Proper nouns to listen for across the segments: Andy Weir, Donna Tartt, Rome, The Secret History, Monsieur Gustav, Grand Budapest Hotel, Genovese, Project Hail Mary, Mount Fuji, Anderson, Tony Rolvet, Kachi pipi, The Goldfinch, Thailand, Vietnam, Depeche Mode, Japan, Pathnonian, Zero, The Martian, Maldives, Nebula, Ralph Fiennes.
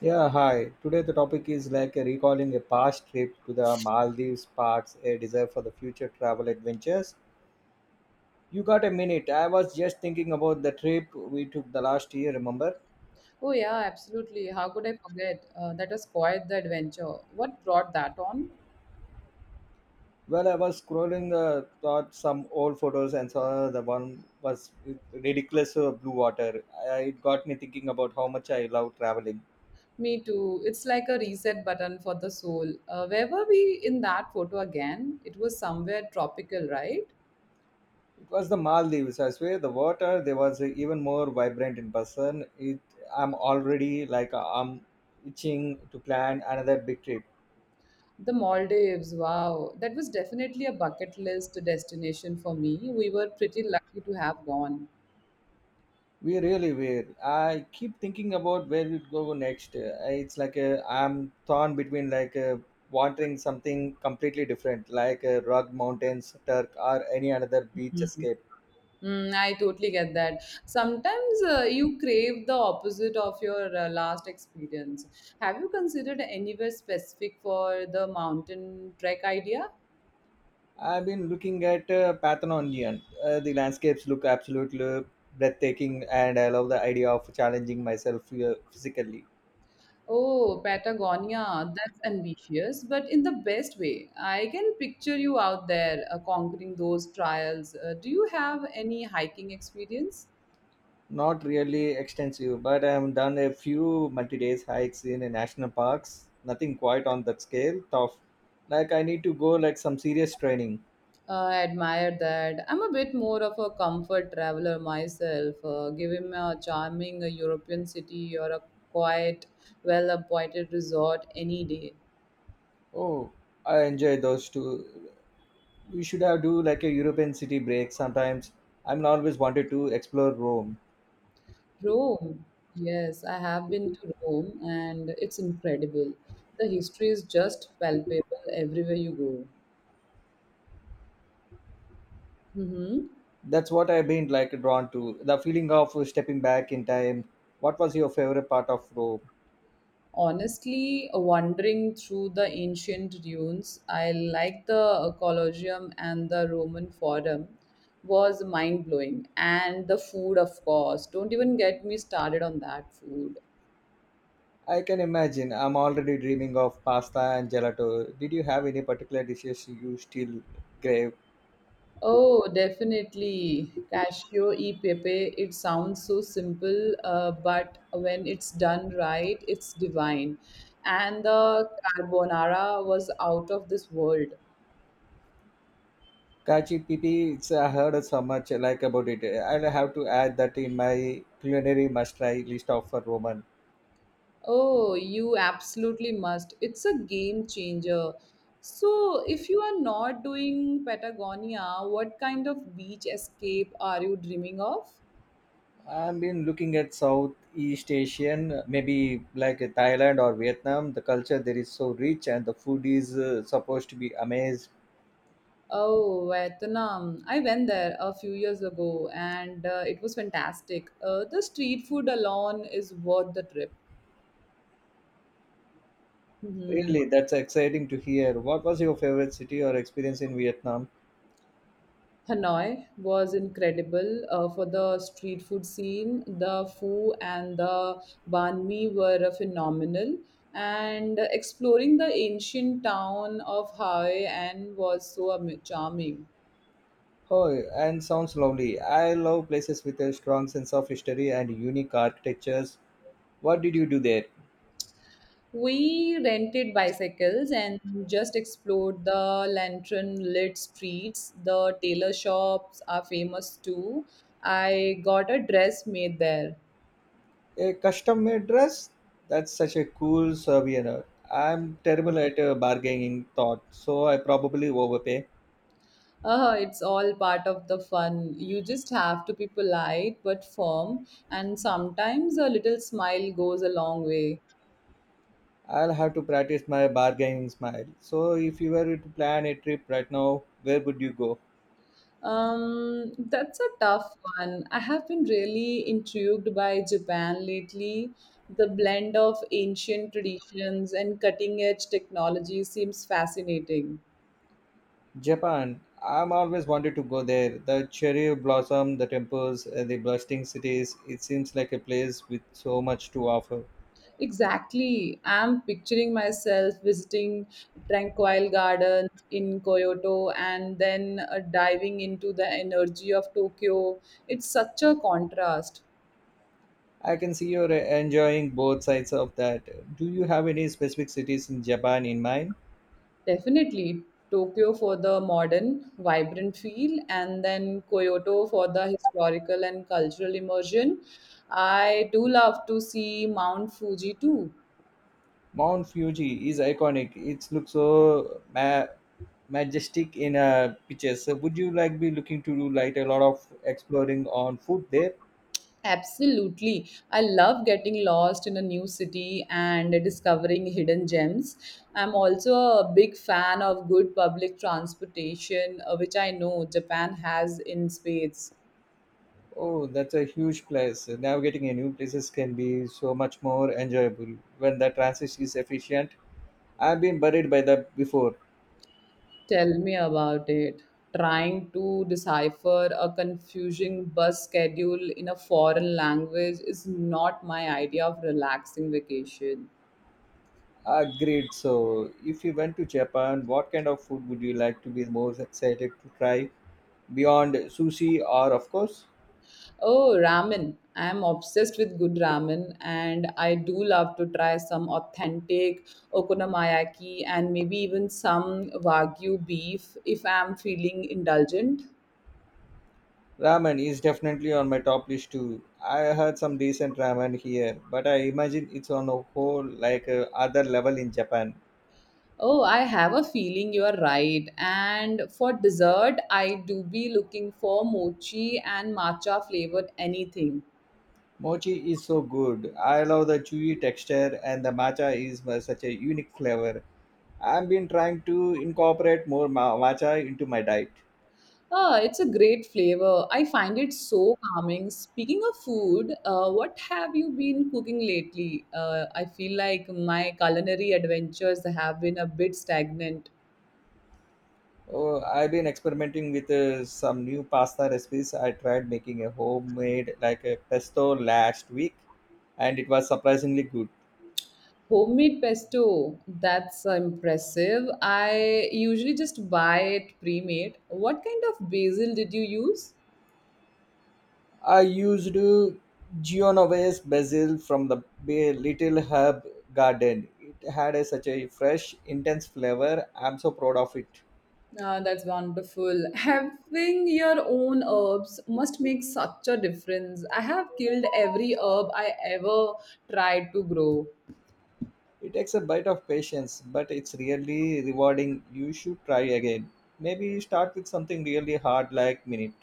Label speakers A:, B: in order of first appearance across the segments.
A: Yeah, hi. Today the topic is like a recalling a past trip to the Maldives sparks a desire for the future travel adventures. You got a minute? I was just thinking about the trip we took the last year, remember?
B: Oh, yeah, absolutely. How could I forget? That was quite the adventure. What brought that on?
A: Well, I was scrolling thought some old photos and saw the one was with ridiculous blue water. I, it got me thinking about how much I love traveling.
B: Me too. It's like a reset button for the soul. Where were we in that photo again? It was somewhere tropical, right?
A: It was the Maldives. I swear, the water there was even more vibrant in person. It, I'm already like I'm itching to plan another big trip.
B: The Maldives. Wow. That was definitely a bucket list destination for me. We were pretty lucky to have gone.
A: We really were. I keep thinking about where we'd go next. It's like a, I'm torn between like wanting something completely different, like rock mountains, Turk, or any another beach escape.
B: Mm, I totally get that. Sometimes you crave the opposite of your last experience. Have you considered anywhere specific for the mountain trek idea?
A: I've been looking at Pathnonian. The landscapes look absolutely breathtaking, and I love the idea of challenging myself physically.
B: Oh, Patagonia, that's ambitious, but in the best way. I can picture you out there conquering those trials. Do you have any hiking experience?
A: Not really extensive, but I've done a few multi days hikes in national parks. Nothing quite on that scale. Tough. Like, I need to go like some serious training.
B: I admire that. I'm a bit more of a comfort traveler myself. Give him a charming European city or a quiet, well appointed resort any day.
A: Oh, I enjoy those too. We should have do like a European city break sometimes. I'm always wanted to explore Rome.
B: Rome. Yes, I have been to Rome and it's incredible. The history is just palpable everywhere you go. Mm-hmm.
A: That's what I've been like drawn to. The feeling of stepping back in time. What was your favorite part of Rome?
B: Honestly, wandering through the ancient ruins, I like the Colosseum and the Roman Forum was mind blowing. And the food, of course. Don't even get me started on that food.
A: I can imagine. I'm already dreaming of pasta and gelato. Did you have any particular dishes you still crave?
B: Oh, definitely. Casio e pepe. It sounds so simple, but when it's done right, it's divine. And the carbonara was out of this world.
A: Kachi pipi, it's, I heard so much like about it. I'll have to add that in my culinary must-try list of for Roman.
B: Oh, you absolutely must. It's a game changer. So, if you are not doing Patagonia, what kind of beach escape are you dreaming of?
A: I've been looking at Southeast Asian, maybe like Thailand or Vietnam. The culture there is so rich, and the food is supposed to be amazing.
B: Oh, Vietnam. I went there a few years ago and it was fantastic. The street food alone is worth the trip. Mhm.
A: Really, that's exciting to hear. What was your favorite city or experience in Vietnam?
B: Hanoi was incredible for the street food scene. The pho and the banh mi were phenomenal, and exploring the ancient town of Hoi An was so charming.
A: Oh, and sounds lovely. I love places with a strong sense of history and unique architectures. What did you do there?
B: We rented bicycles and just explored the lantern lit streets. The tailor shops are famous too. I got a dress made there.
A: A custom made dress? That's such a cool souvenir. I'm terrible at bargaining thought, so I probably overpay.
B: It's all part of the fun. You just have to be polite but firm, and sometimes a little smile goes a long way.
A: I'll have to practice my bargaining smile. So, if you were to plan a trip right now, where would you go?
B: That's a tough one. I have been really intrigued by Japan lately. The blend of ancient traditions and cutting edge technology seems fascinating.
A: Japan. I'm always wanted to go there. The cherry blossom, the temples, the bustling cities. It seems like a place with so much to offer.
B: Exactly. I'm picturing myself visiting tranquil gardens in Kyoto and then diving into the energy of Tokyo. It's such a contrast.
A: I can see you're enjoying both sides of that. Do you have any specific cities in Japan in mind?
B: Definitely Tokyo for the modern, vibrant feel and then Kyoto for the historical and cultural immersion. I do love to see Mount Fuji too.
A: Mount Fuji is iconic. It looks so majestic in pictures. So would you like be looking to do like a lot of exploring on foot there?
B: Absolutely. I love getting lost in a new city and discovering hidden gems. I'm also a big fan of good public transportation, which I know Japan has in spades.
A: Oh, that's a huge plus. Navigating a new places can be so much more enjoyable when the transit is efficient. I've been worried by that before.
B: Tell me about it. Trying to decipher a confusing bus schedule in a foreign language is not my idea of relaxing vacation.
A: Agreed. So, if you went to Japan, what kind of food would you like to be most excited to try? Beyond sushi or, of course,
B: Oh, ramen. I am obsessed with good ramen and I do love to try some authentic okonomiyaki and maybe even some wagyu beef if I am feeling indulgent.
A: ramen is definitely on my top list too. I heard some decent ramen here, but I imagine it's on a whole like other level in Japan.
B: Oh, I have a feeling you are right. And for dessert, I do be looking for mochi and matcha flavored anything.
A: Mochi is so good. I love the chewy texture and the matcha is such a unique flavor. I've been trying to incorporate more matcha into my diet.
B: Ah, it's a great flavor. I find it so calming. Speaking of food, what have you been cooking lately? I feel like my culinary adventures have been a bit stagnant.
A: Oh, I've been experimenting with some new pasta recipes. I tried making a homemade like a pesto last week and it was surprisingly good.
B: Homemade pesto, that's impressive. I usually just buy it pre-made. What kind of basil did you use?
A: I used Genovese basil from the Little Herb Garden. It had a, such a fresh, intense flavor. I'm so proud of it.
B: Ah, that's wonderful. Having your own herbs must make such a difference. I have killed every herb I ever tried to grow.
A: It takes a bit of patience, but it's really rewarding. You should try again. Maybe start with something really hard like minute.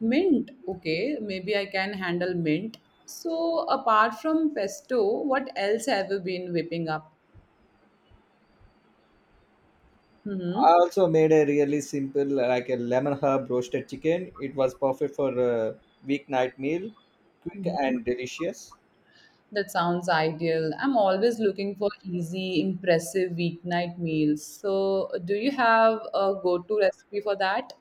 B: Mint, okay, maybe I can handle mint. So, apart from pesto, what else have you been whipping up?
A: I
B: Hmm.
A: also made a really simple like a lemon herb roasted chicken. It was perfect for a weeknight meal, quick
B: Hmm.
A: and delicious.
B: That sounds ideal. I'm always looking for easy, impressive weeknight meals. So, do you have a go-to recipe for that?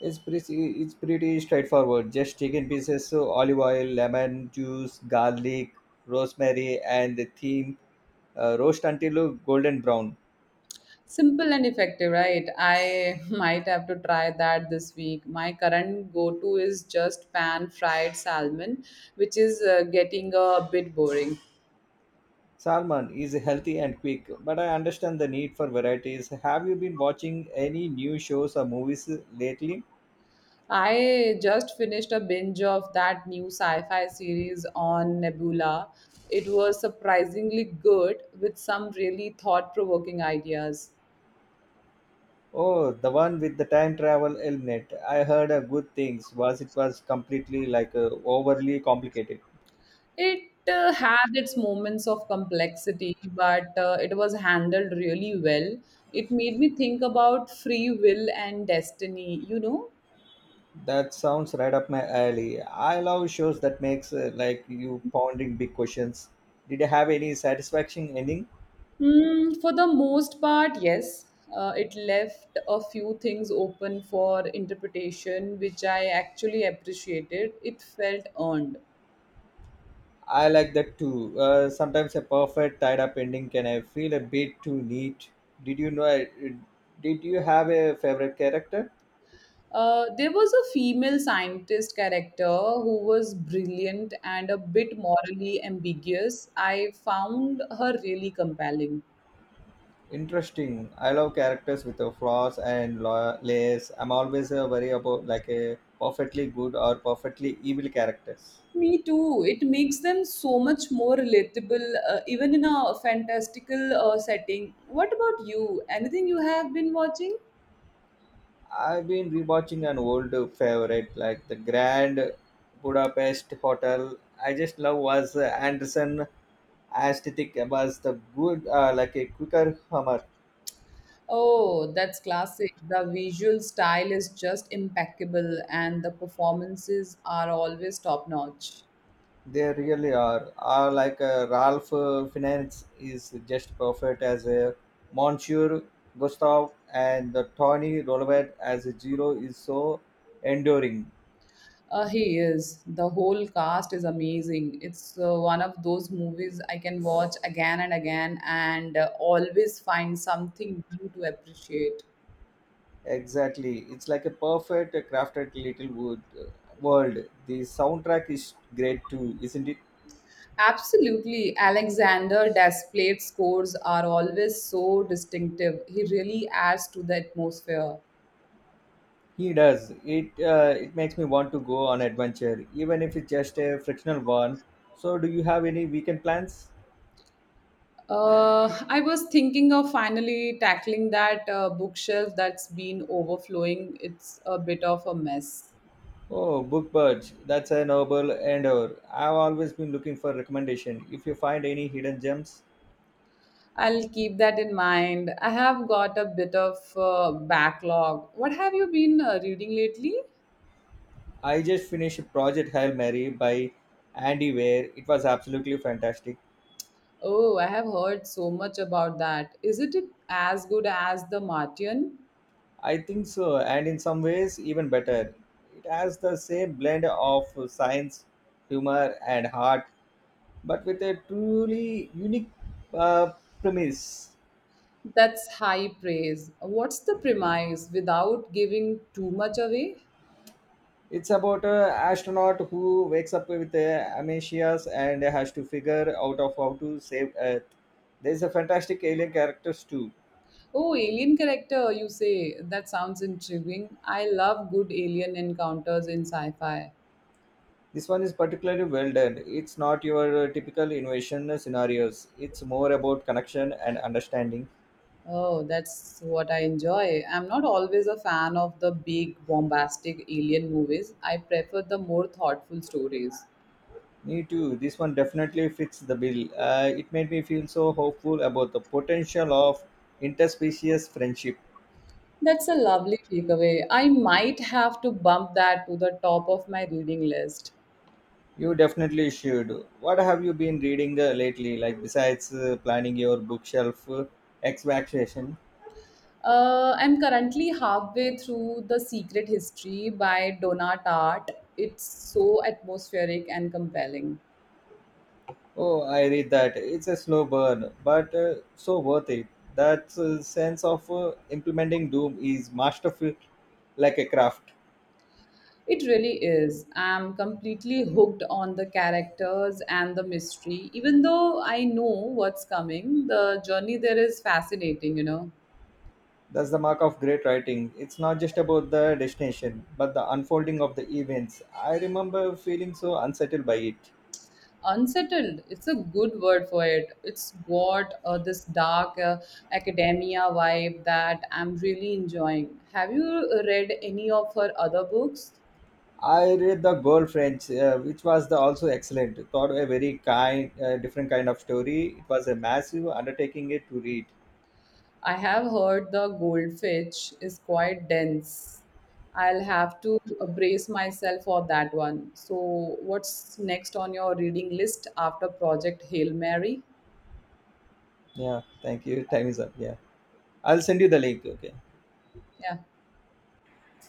A: It's pretty straightforward. Just chicken pieces, so olive oil, lemon juice, garlic, rosemary, and the theme roast until golden brown.
B: Simple and effective, right? I might have to try that this week. My current go-to is just pan-fried salmon, which is getting a bit boring.
A: Salmon is healthy and quick, but I understand the need for varieties. Have you been watching any new shows or movies lately?
B: I just finished a binge of that new sci fi series on Nebula. It was surprisingly good with some really thought provoking ideas.
A: Oh, the one with the time travel element. I heard a good things. Was it was completely like overly complicated.
B: It had its moments of complexity, but it was handled really well. It made me think about free will and destiny, you know.
A: That sounds right up my alley. I love shows that makes like you pondering big questions. Did you have any satisfaction ending?
B: Mm, for the most part, yes. It left a few things open for interpretation, which I actually appreciated. It felt earned.
A: I like that too. Sometimes a perfect tied up ending can I feel a bit too neat. Did you know? Did you have a favorite character?
B: There was a female scientist character who was brilliant and a bit morally ambiguous. I found her really compelling.
A: Interesting. I love characters with flaws and layers. I'm always worried about like a perfectly good or perfectly evil characters.
B: Me too. It makes them so much more relatable, even in a fantastical setting. What about you? Anything you have been watching?
A: I've been rewatching an old favorite like the Grand Budapest Hotel. I just love was Anderson aesthetic was the good like a quicker humor.
B: Oh, that's classic. The visual style is just impeccable, and the performances are always top notch.
A: They really are. Are like Ralph Fiennes is just perfect as a Monsieur Gustav, and the Tony Rolvet as a Zero is so enduring.
B: He is. The whole cast is amazing. It's one of those movies I can watch again and again and always find something new to appreciate.
A: Exactly, it's like a perfect crafted little wood world. The soundtrack is great too, isn't it?
B: Absolutely. Alexander Desplat's scores are always so distinctive. He really adds to the atmosphere.
A: He does. It it makes me want to go on adventure, even if it's just a frictional one. So, do you have any weekend plans?
B: I was thinking of finally tackling that bookshelf that's been overflowing. It's a bit of a mess.
A: Oh, book birds. That's a noble endeavor. I've always been looking for recommendation. If you find any hidden gems,
B: I'll keep that in mind. I have got a bit of backlog. What have you been reading lately?
A: I just finished Project Hail Mary by Andy Weir. It was absolutely fantastic.
B: Oh, I have heard so much about that. Isn't it as good as The Martian?
A: I think so, and in some ways even better. It has the same blend of science, humor, and heart, but with a truly unique uh, premise.
B: That's high praise. What's the premise without giving too much away?
A: It's about an astronaut who wakes up with amnesia and has to figure out of how to save Earth. There's a fantastic alien characters too.
B: Oh, alien character, you say. That sounds intriguing. I love good alien encounters in sci fi.
A: This one is particularly well done. It's not your typical invasion scenarios. It's more about connection and understanding.
B: Oh, that's what I enjoy. I'm not always a fan of the big, bombastic alien movies. I prefer the more thoughtful stories.
A: Me too. This one definitely fits the bill. It made me feel so hopeful about the potential of interspecies friendship.
B: That's a lovely takeaway. I might have to bump that to the top of my reading list.
A: You definitely should. What have you been reading lately? Like besides planning your bookshelf extraction?
B: I'm currently halfway through The Secret History by Donna Tartt. It's so atmospheric and compelling.
A: Oh, I read that. It's a slow burn, but so worth it. That sense of implementing Doom is masterful, like a craft.
B: It really is. I'm completely hooked on the characters and the mystery. Even though I know what's coming, the journey there is fascinating, you know.
A: That's the mark of great writing. It's not just about the destination, but the unfolding of the events. I remember feeling so unsettled by it.
B: Unsettled, it's a good word for it. It's got this dark academia vibe that I'm really enjoying. Have you read any of her other books?
A: I read The girlfriend's, which was the also excellent. Thought a very kind, different kind of story. It was a massive undertaking it to read.
B: I have heard the goldfinch is quite dense. I'll have to brace myself for that one. So, what's next on your reading list after Project Hail Mary?
A: Yeah, thank you. Time is up. Yeah, I'll send you the link. Okay.
B: Yeah.